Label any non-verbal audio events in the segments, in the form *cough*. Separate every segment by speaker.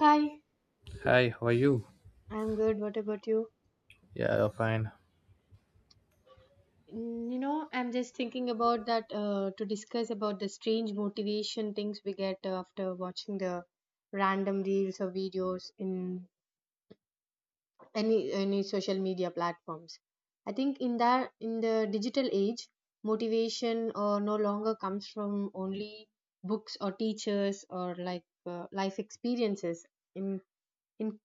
Speaker 1: Hi,
Speaker 2: Hi, how are you?
Speaker 1: I'm good. What about you?
Speaker 2: Yeah, I'm fine.
Speaker 1: I'm just thinking about that to discuss about the strange motivation things we get after watching the random reels or videos in any social media platforms. I think in that in the digital age, motivation no longer comes from only books or teachers or like life experiences. In in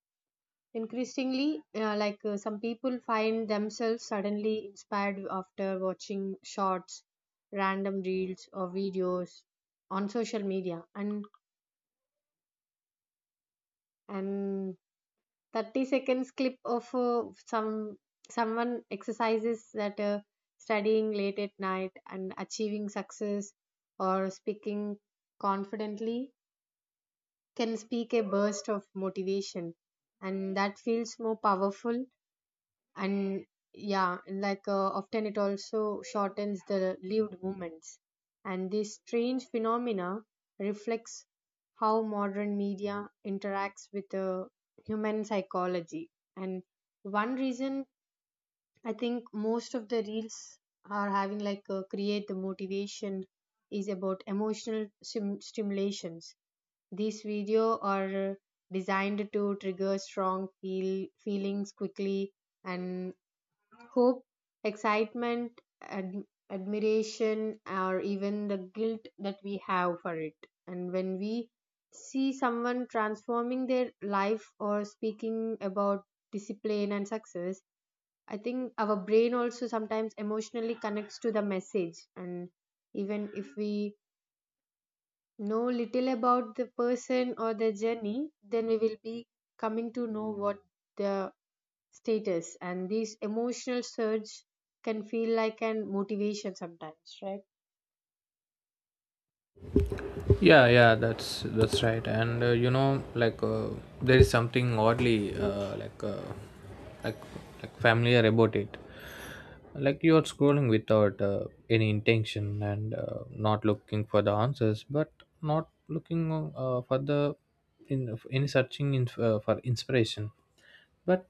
Speaker 1: Increasingly, like some people find themselves suddenly inspired after watching shorts, random reels, or videos on social media, and and 30 seconds clip of someone exercises that studying late at night and achieving success or speaking confidently can speak a burst of motivation, and that feels more powerful. And yeah, like often it also shortens the lived moments, and this strange phenomena reflects how modern media interacts with the human psychology. And one reason, I think, most of the reels are having, like create the motivation, is about emotional stimulations. These video are designed to trigger strong feelings quickly, and hope, excitement, admiration, or even the guilt that we have for it. And when we see someone transforming their life or speaking about discipline and success, I think our brain also sometimes emotionally connects to the message. And even if we know little about the person or the journey, then we will be coming to know what the status, and these emotional surge can feel like an motivation sometimes, right?
Speaker 2: Yeah, yeah, that's right. And you know, there is something oddly like familiar about it. Like you are scrolling without any intention and not looking for the answers, but not looking for the in any searching in, for inspiration. But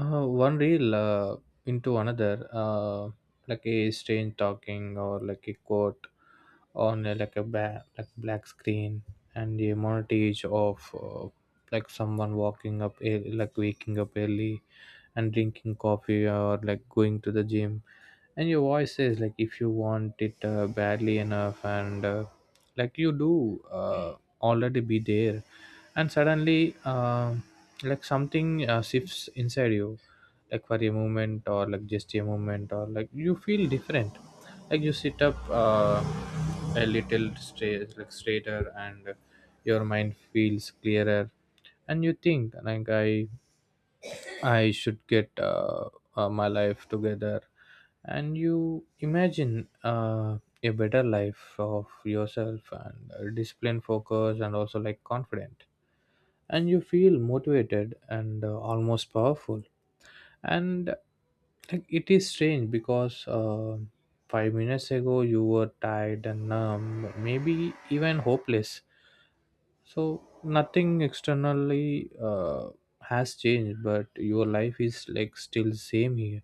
Speaker 2: One reel into another, like a strange talking or like a quote on a, like a like black screen and a montage of like someone like waking up early and drinking coffee or like going to the gym, and your voice says like if you want it badly enough and like you do already be there. And suddenly um like something shifts inside you, like for a moment or like just a moment or like you feel different, like you sit up uh, a little straight like straighter, and your mind feels clearer, and you think like, I should get my life together. And you imagine a better life of yourself and discipline, focus, and also like confident. And you feel motivated and almost powerful. And like it is strange because 5 minutes ago you were tired and numb, maybe even hopeless. So nothing externally has changed, but your life is like still same here,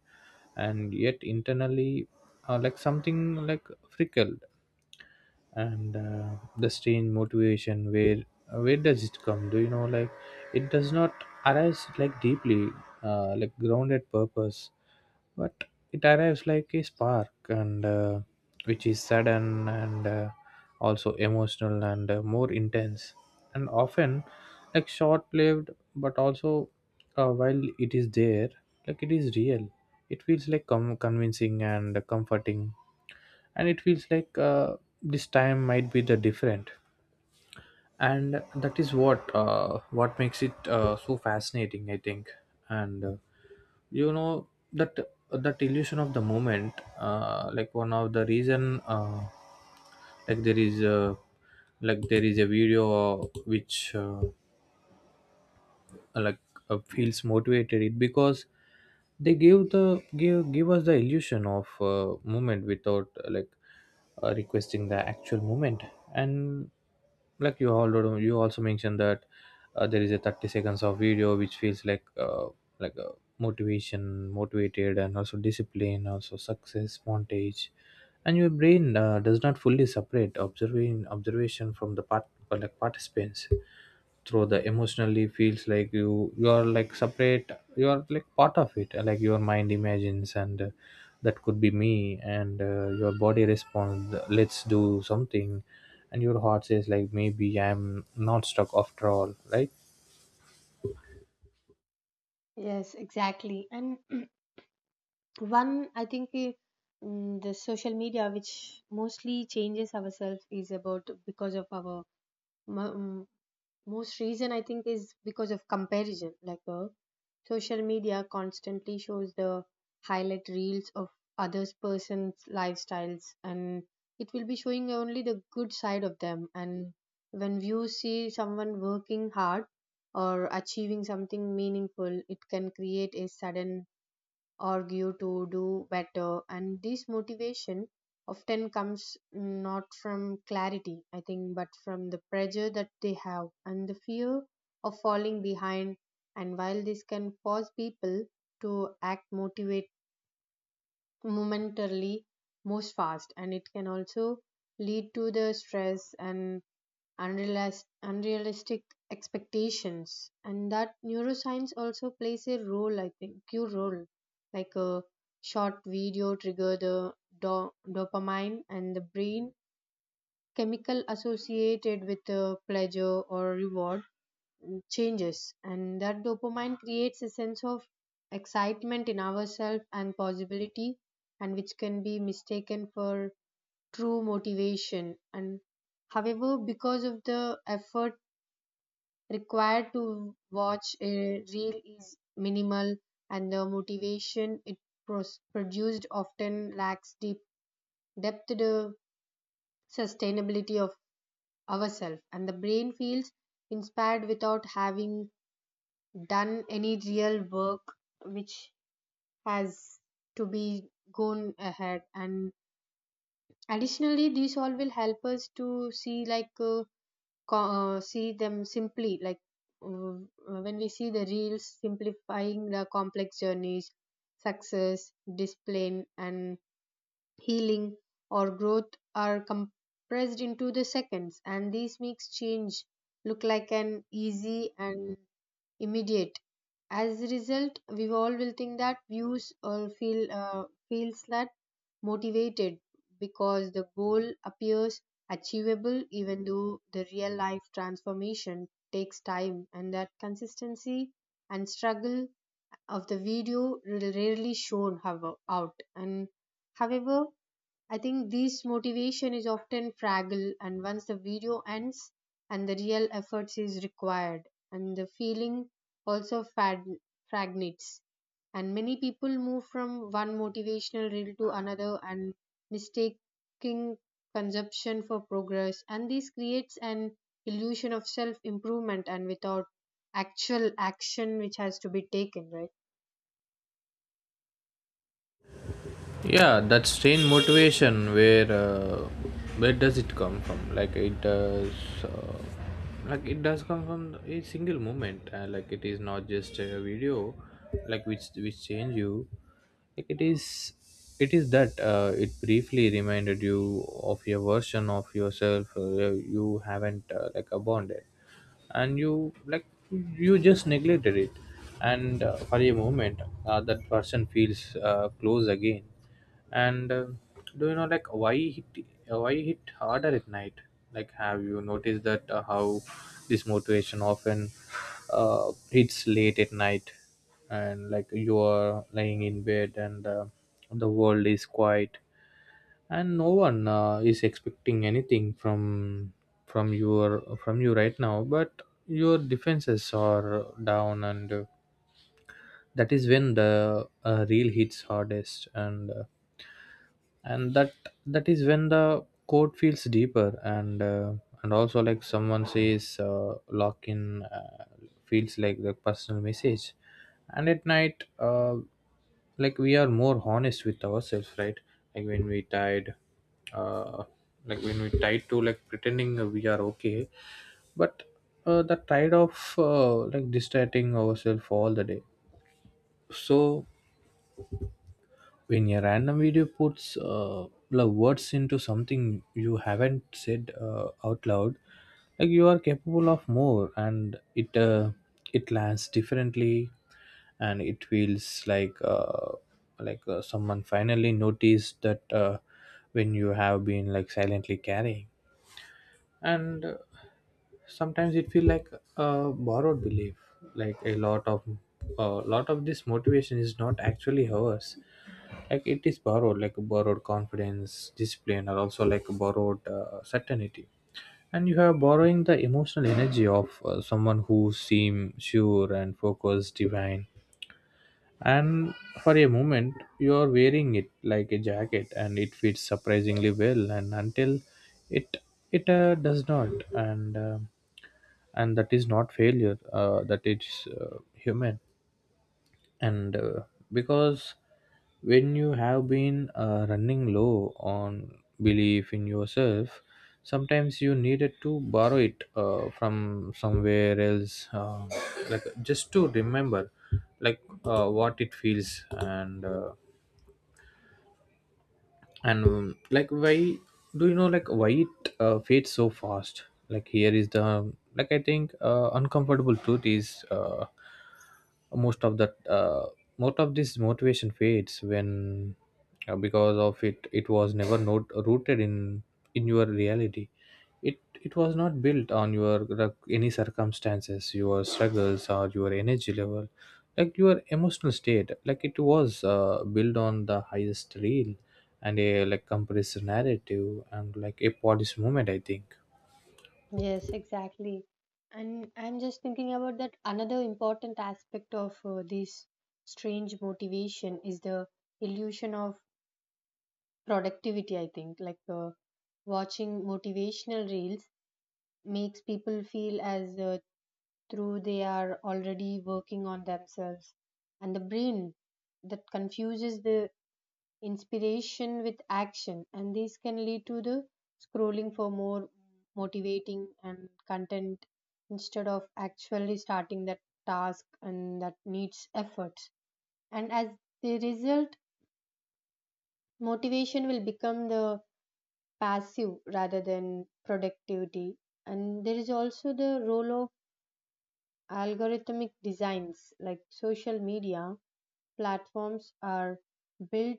Speaker 2: and yet internally, like something like frickled, and the strange motivation. Where does it come? Do you know? Like it does not arise like deeply, like grounded purpose, but it arrives like a spark, and which is sudden and also emotional and more intense and often like short lived, but also while it is there, like it is real, it feels like convincing and comforting, and it feels like this time might be the different. And that is what makes it so fascinating, I think. And you know that that illusion of the moment, like one of the reason, like there is a like there is a video which uh, like feels motivated it because they give the give give us the illusion of movement without requesting the actual movement. And like you already, you also mentioned that there is a 30 seconds of video which feels like a motivation motivated and also discipline also success montage, and your brain does not fully separate observing observation from the part, like participants, through the emotionally feels like you are like separate, you are like part of it, like your mind imagines and that could be me, and your body responds, let's do something, and your heart says like maybe I'm not stuck after all, right?
Speaker 1: Yes, exactly. And *clears throat* one, I think, the social media, which mostly changes ourselves, is about because of our mm, most reason, I think, is because of comparison. Like social media constantly shows the highlight reels of others persons lifestyles, and it will be showing only the good side of them. And when you see someone working hard or achieving something meaningful, it can create a sudden argue to do better, and this motivation often comes not from clarity, I think, but from the pressure that they have and the fear of falling behind. And while this can cause people to act motivate momentarily most fast, and it can also lead to the stress and unrealistic expectations. And that neuroscience also plays a role, I think, cue role like a short video trigger the dopamine and the brain chemical associated with the pleasure or reward. Changes, and that dopamine creates a sense of excitement in ourselves and possibility, and which can be mistaken for true motivation. And however, because of the effort required to watch a reel is minimal, and the motivation it produced often lacks deep depth to the sustainability of ourselves, and the brain feels inspired without having done any real work, which has to be gone ahead. And additionally, these all will help us to see, like see them simply. Like uh, when we see the reels simplifying the complex journeys, success, discipline, and healing or growth are compressed into the seconds, and this makes change look like an easy and immediate. As a result, we all will think that views, or feels that motivated because the goal appears achievable, even though the real life transformation takes time, and that consistency and struggle of the video will rarely shown, however, out. And however, I think this motivation is often fragile, and once the video ends and the real efforts is required, and the feeling also fragments. And many people move from one motivational reel to another, and mistaking consumption for progress, and this creates an illusion of self improvement and without actual action which has to be taken, right?
Speaker 2: Yeah, that strain motivation, where does it come from? Like it does uh, like it does come from a single moment, like it is not just a video, like which change you, like it is that it briefly reminded you of your version of yourself you haven't like abandoned, and you like you just neglected it. And for a moment that person feels close again. And do you know like why hit harder at night? Like have you noticed that how this motivation often hits late at night. And like you are lying in bed and the world is quiet, and no one is expecting anything from you right now. But your defenses are down, and that is when the real hits hardest. And and that that is when the code feels deeper. And and also, like someone says lock in feels like the personal message. And at night like we are more honest with ourselves, right? Like when we tied uh, like when we tied to like pretending we are okay, but the tide of like distracting ourselves all the day. So when a random video puts the words into something you haven't said out loud, like you are capable of more, and it lands differently. And it feels like someone finally noticed that when you have been like silently carrying. And sometimes it feel like a borrowed belief, like a lot of this motivation is not actually ours. Like it is borrowed, like borrowed confidence, discipline, or also like borrowed certainty. And you are borrowing the emotional energy of someone who seem sure and focused divine. And for a moment you are wearing it like a jacket, and it fits surprisingly well, and until it it does not. And and that is not failure, that it's human. And because when you have been running low on belief in yourself, sometimes you needed to borrow it from somewhere else, like just to remember like what it feels. And like why, do you know like why it fades so fast? Like here is the like I think uncomfortable truth is, most of that uh, most of this motivation fades when because of it it was never not rooted in your reality. It was not built on your any circumstances, your struggles or your energy level, like your emotional state. Like it was built on the highest reel, and a like compressed narrative and like a polish moment, I think.
Speaker 1: Yes, exactly. And I'm just thinking about that another important aspect of this strange motivation is the illusion of productivity, I think. Like watching motivational reels makes people feel as though they are already working on themselves. And the brain that confuses the inspiration with action, and this can lead to the scrolling for more motivating and content instead of actually starting that task and that needs efforts. And as the result, motivation will become the passive rather than productivity, and there is also the role of algorithmic designs. Like social media platforms are built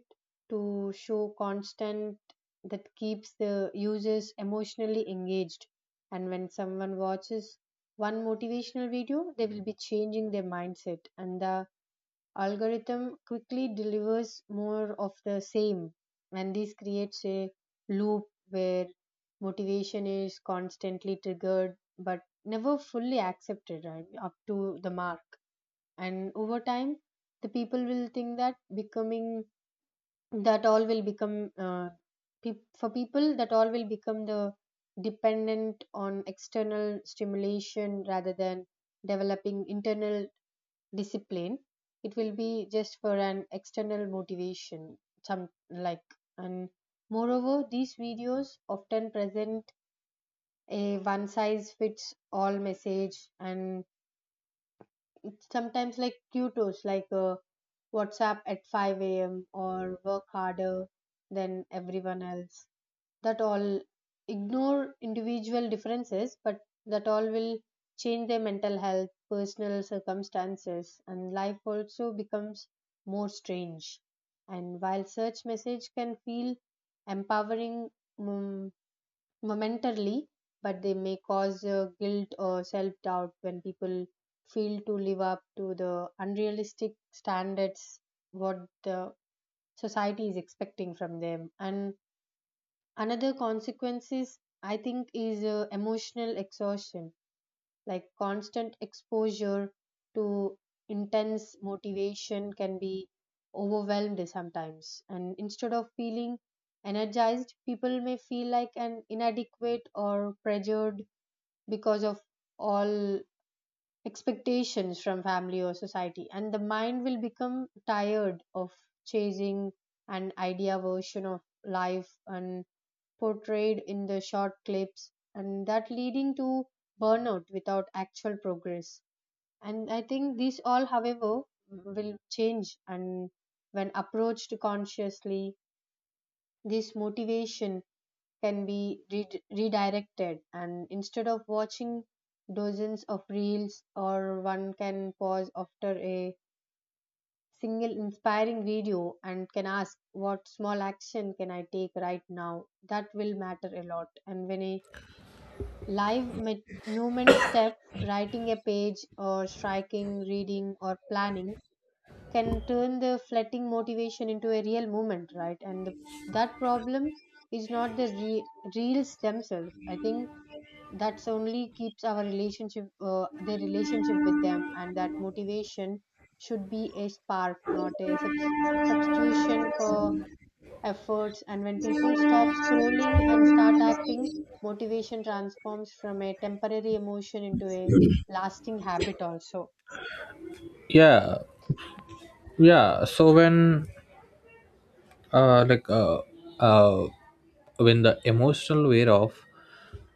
Speaker 1: to show constant that keeps the users emotionally engaged. And when someone watches one motivational video, they will be changing their mindset, and the algorithm quickly delivers more of the same. And this creates a loop where motivation is constantly triggered but never fully accepted, right, up to the mark. And over time, the people will think that becoming, that all will become peop for people, that all will become the dependent on external stimulation rather than developing internal discipline. It will be just for an external motivation, some like. And moreover, these videos often present a one size fits all message, and sometimes like tutos like WhatsApp at 5 a.m. or work harder than everyone else. That all ignore individual differences, but that all will change their mental health, personal circumstances, and life also becomes more strange. And while search message can feel empowering, mm, momentarily, but they may cause guilt or self doubt when people feel to live up to the unrealistic standards what the society is expecting from them. And another consequence is, I think, is emotional exhaustion. Like constant exposure to intense motivation can be overwhelmed sometimes, and instead of feeling energized, people may feel like an inadequate or pressured because of all expectations from family or society, and the mind will become tired of chasing an idea version of life and portrayed in the short clips, and that leading to burnout without actual progress. And I think these all, however, will change, and when approached consciously, this motivation can be redirected, and instead of watching dozens of reels, or one can pause after a single inspiring video and can ask, what small action can I take right now that will matter a lot? And when a live movement step, writing a page, or striking, reading, or planning can turn the fleeting motivation into a real movement, right? And that problem is not the reels themselves. I think that's only keeps our relationship, their relationship with them, and that motivation should be a spark, not a substitution for efforts. And when people stop scrolling and start acting, motivation transforms from a temporary emotion into a lasting habit, also. I-
Speaker 2: Yeah. Yeah, so when uh like uh uh when the emotional wear off,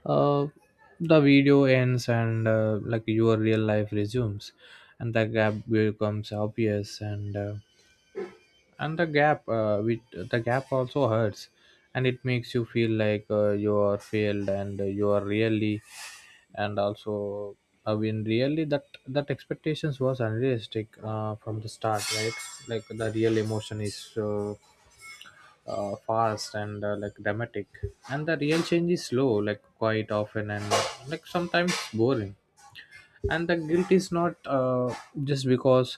Speaker 2: uh, the video ends, and like your real life resumes, and the gap becomes obvious. And and the gap with the gap also hurts, and it makes you feel like you are failed and you are really. And also, I mean, really that that expectations was unrealistic from the start, right? Like the real emotion is fast and like dramatic, and the real change is slow, like quite often and like sometimes boring. And the guilt is not just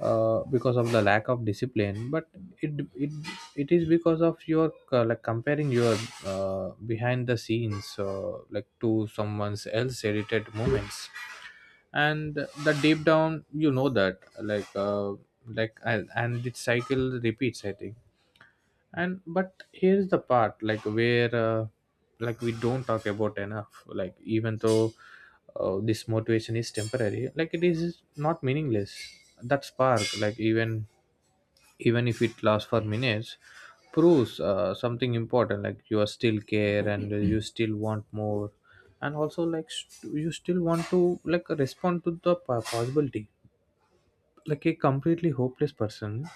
Speaker 2: because of the lack of discipline, but it it, it is because of your like comparing your behind the scenes like to someone's else edited moments. And the deep down you know that like and this cycle repeats, I think. And but here's the part like where like we don't talk about enough, like even though this motivation is temporary, like it is not meaningless. That spark, like even even if it lasts for minutes, proves something important, like you are still care and you still want more. And also you still want to like respond to the possibility, like a completely hopeless person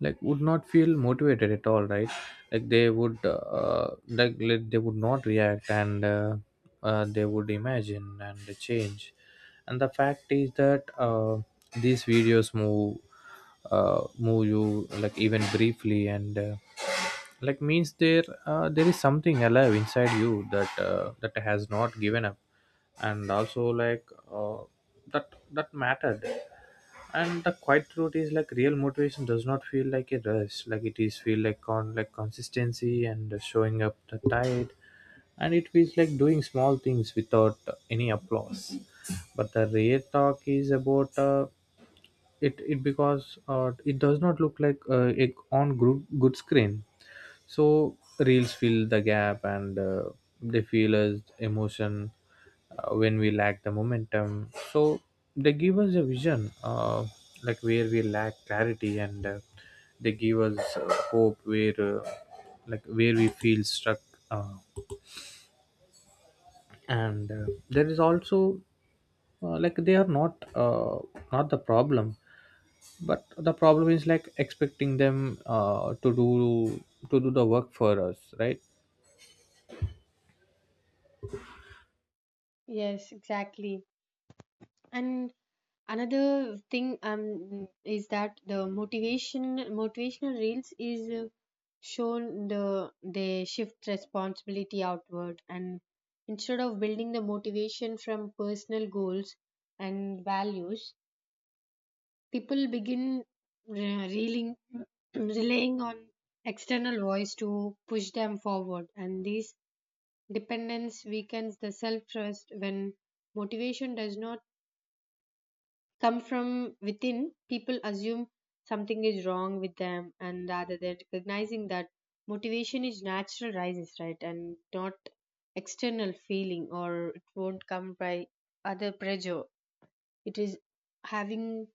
Speaker 2: like would not feel motivated at all, right? Like they would they would not react, and they would imagine and change. And the fact is that these videos move you like even briefly, and like means there there is something alive inside you that that has not given up. And also like uh, that that mattered. And the quiet truth is like real motivation does not feel like a rush, like it is feel like con like consistency and showing up the tide. And it feels like doing small things without any applause. But the real talk is about it, because it does not look like a on good screen. So reels fill the gap, and they feel as emotion when we lack the momentum. So they give us a vision, like where we lack clarity, and they give us hope where like where we feel stuck. Uh, and there is also like they are not not the problem, but the problem is like expecting them to do the work for us, right?
Speaker 1: Yes, exactly. And another thing, is that the motivational reels is shown they shift responsibility outward, and instead of building the motivation from personal goals and values, people begin re- reeling, *clears throat* relying on external voice to push them forward, and this dependence weakens the self trust. When motivation does not come from within, people assume something is wrong with them, and rather than recognizing that motivation is natural, rises right and not external feeling, or it won't come by other pressure. It is having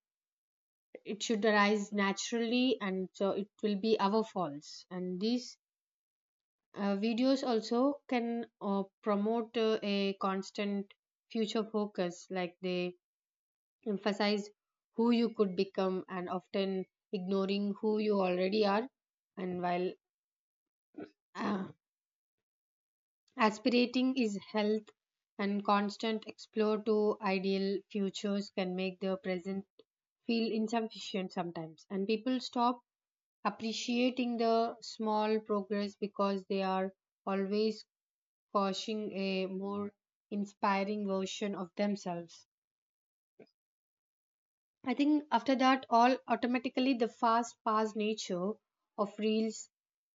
Speaker 1: it should arise naturally, and so it will be our faults. And these videos also can promote a constant future focus. Like they emphasize who you could become, and often ignoring who you already are. And while uh, aspirating is health, and constant explore to ideal futures can make the present feel insufficient sometimes, and people stop appreciating the small progress because they are always crushing a more inspiring version of themselves. I think after that, all automatically the fast paced nature of reels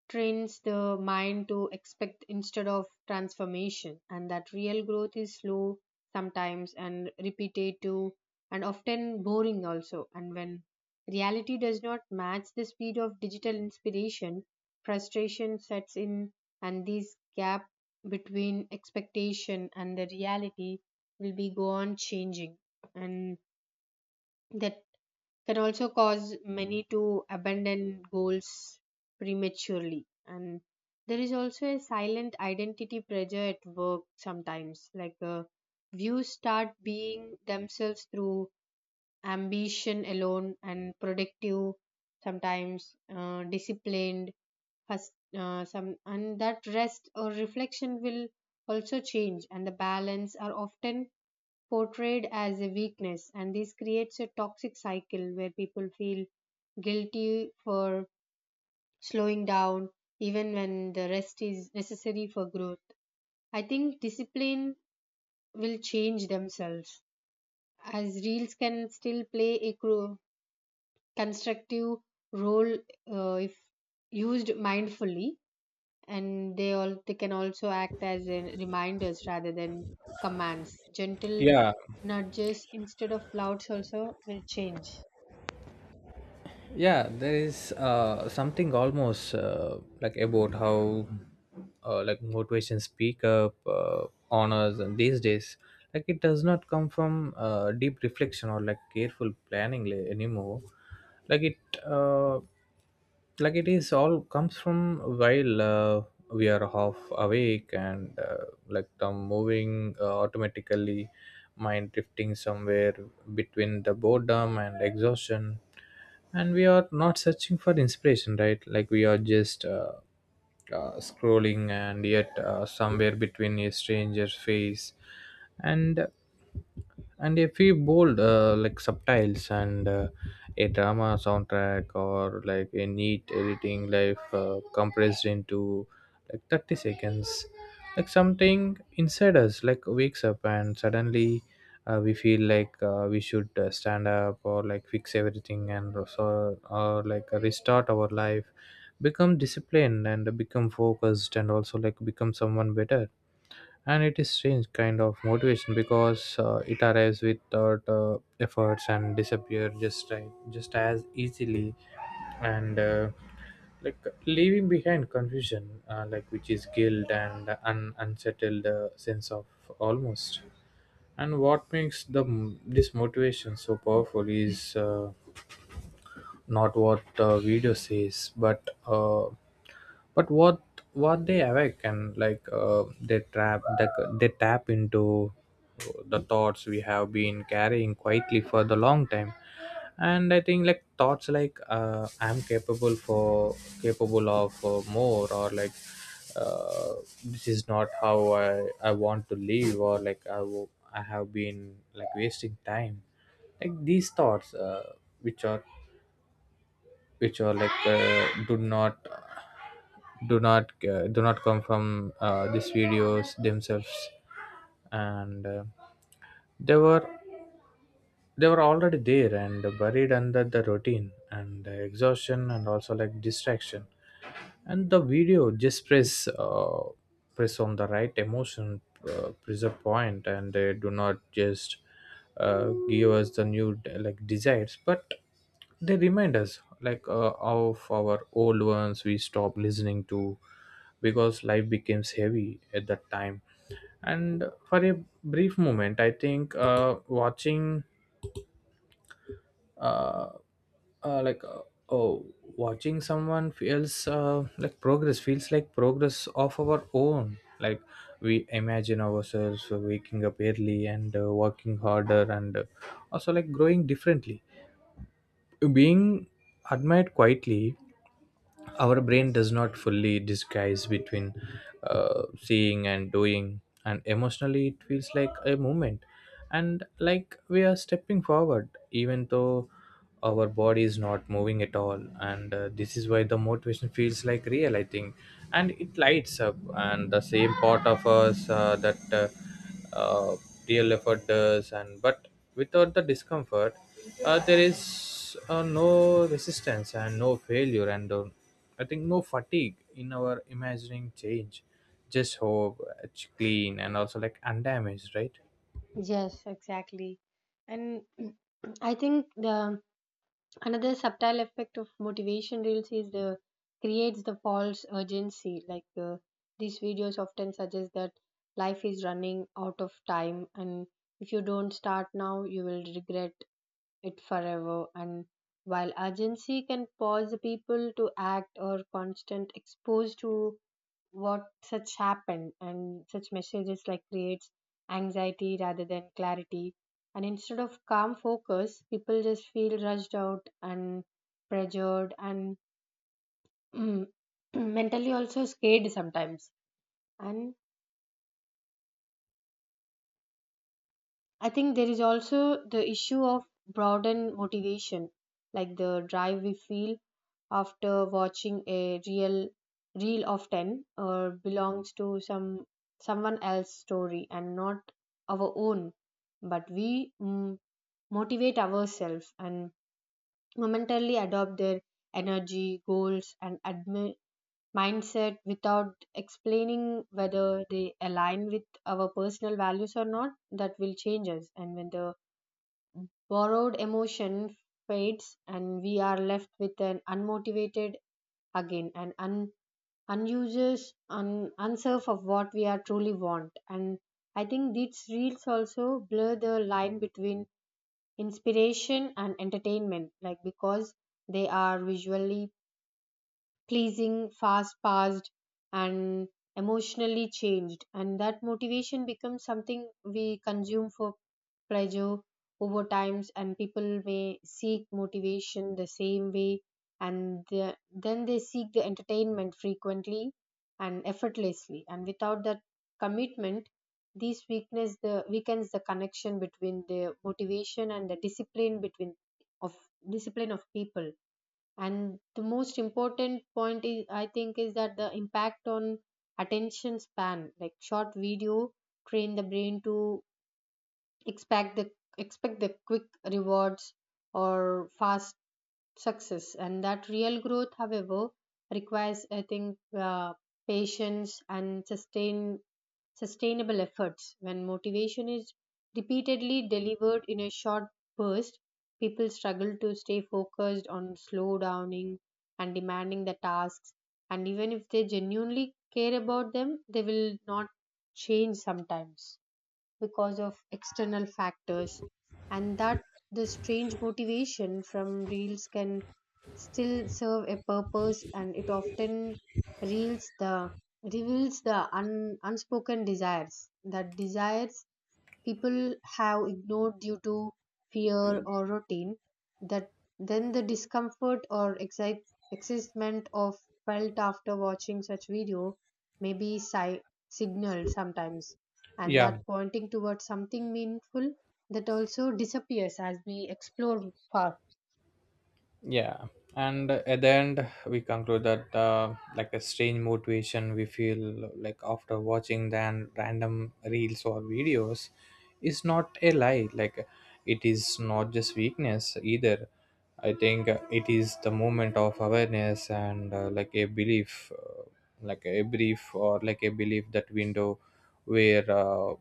Speaker 1: trains the mind to expect instead of transformation, and that real growth is slow sometimes and repetitive and often boring also. And when reality does not match the speed of digital inspiration, frustration sets in, and this gap between expectation and the reality will be gone changing. And that can also cause many to abandon goals prematurely, and there is also a silent identity pressure at work sometimes. Like views start being themselves through ambition alone, and productive sometimes disciplined has some, and that rest or reflection will also change, and the balance are often portrayed as a weakness, and this creates a toxic cycle where people feel guilty for slowing down even when the rest is necessary for growth. I think discipline will change themselves, as reels can still play a constructive role if used mindfully, and they can also act as in reminders rather than commands, gentle
Speaker 2: Yeah.
Speaker 1: nudges instead of louds also will change.
Speaker 2: Yeah, there is something almost like about how like motivation speak up honors and these days, like it does not come from deep reflection or like careful planning anymore. Like it like it is all comes from while we are half awake and like the moving automatically, mind drifting somewhere between the boredom and exhaustion. And we are not searching for inspiration, right? Like we are just scrolling. And yet somewhere between a stranger's face and and a few bold like subtitles and a drama soundtrack or like a neat editing life compressed into like 30 seconds, like something inside us like wakes up. And suddenly we feel like We should stand up or like fix everything and also or like restart our life, become disciplined and become focused and also like become someone better. And it is strange kind of motivation because it arrives without efforts and disappear just right just as easily. And like Leaving behind confusion like which is guilt and an unsettled sense of almost. And what makes this motivation so powerful is not what the video says but what they awaken like they trap they tap into the thoughts we have been carrying quietly for the long time. And I think like thoughts like I'm capable for capable of more, or like uh, this is not how I want to live, or like I have been like wasting time. Like these thoughts which are which are like do not come from these videos themselves. And they were they were already there and buried under the routine and the exhaustion and also like distraction. And the video just press on the right emotion, press a point, and they do not just give us the new like desires, but they remind us like of our old ones we stopped listening to because life becomes heavy at that time. And for a brief moment, I think uh, uh, like uh, oh watching someone feels like progress, feels like progress of our own, like we imagine ourselves waking up early and working harder and also like growing differently, being admired quietly. Our brain does not fully disguise between seeing and doing, and emotionally it feels like a movement. And like we are stepping forward even though our body is not moving at all, and this is why the motivation feels like real, I think. And it lights up and the same part of us that uh, real effort does, and but without the discomfort. There is no resistance and no failure, and I think no fatigue in our imagining change, just hope it's clean and also like undamaged, right?
Speaker 1: Yes, exactly. And *clears throat* I think the another subtle effect of motivation reels is the creates the false urgency. Like these videos often suggest that life is running out of time, and if you don't start now, you will regret it forever. And while urgency can pause the people to act, or constant exposed to what such happen, and such messages like creates anxiety rather than clarity, and instead of calm focus, people just feel rushed out and pressured, and *clears throat* mentally also scared sometimes. And I think there is also the issue of broadened motivation, like the drive we feel after watching a real reel of 10, or belongs to someone else's story and not our own, but we motivate ourselves and momentarily adopt their energy goals and mindset without explaining whether they align with our personal values or not that will change us. And when the borrowed emotion fades, and we are left with an unmotivated again, and unserf of what we are truly want. And I think these reels also blur the line between inspiration and entertainment, like because they are visually pleasing, fast paced, and emotionally changed. And that motivation becomes something we consume for pleasure over times, and people may seek motivation the same way, and then they seek the entertainment frequently and effortlessly. And without that commitment, these weakness the weakens the connection between the motivation and the discipline, between of discipline of people. And the most important point is, I think, is that the impact on attention span. Like short video train the brain to expect the expect the quick rewards or fast success. And that real growth, however, requires, I think, uh, patience and sustainable efforts. When motivation is repeatedly delivered in a short burst, people struggle to stay focused on slow downing and demanding the tasks, and even if they genuinely care about them, they will not change sometimes because of external factors. And that the strange motivation from reels can still serve a purpose, and it often reels the reveals the unspoken desires that desires people have ignored due to fear or routine, that then the discomfort or excitement of felt after watching such video may be signaled sometimes, and that
Speaker 2: Yeah,
Speaker 1: pointing towards something meaningful that also disappears as we explore far.
Speaker 2: yeah. And at the end we conclude that like a strange motivation we feel like after watching then random reels or videos is not a lie, like it is not just weakness either. I think it is the moment of awareness and like a belief like a brief, or like a belief that window where uh,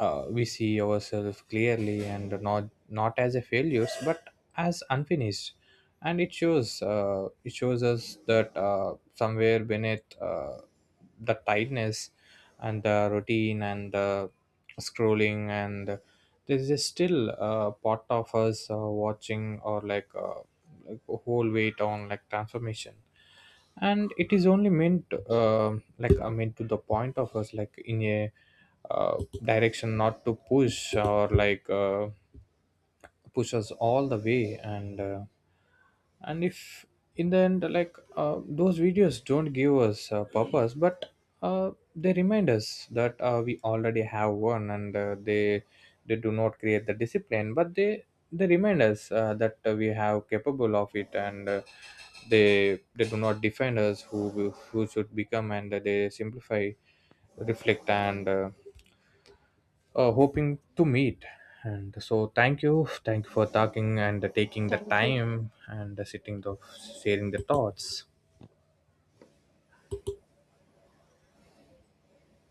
Speaker 2: uh, we see ourselves clearly and not not as a failures but as unfinished. And it shows us that somewhere beneath the tightness and the routine and the scrolling, and there is still a part of us watching, or like a whole weight on like transformation. And it is only meant uh, like I mean to the point of us, like in a uh, direction, not to push or like push us all the way. And and if in the end, like those videos don't give us a purpose, but uh, they remind us that we already have one. And they do not create the discipline, but they remind us that we have capable of it. And they do not define us who should become, and they simplify reflect and hoping to meet. And so, thank you for talking and taking the
Speaker 1: Thank you.
Speaker 2: time and sitting the sharing the thoughts.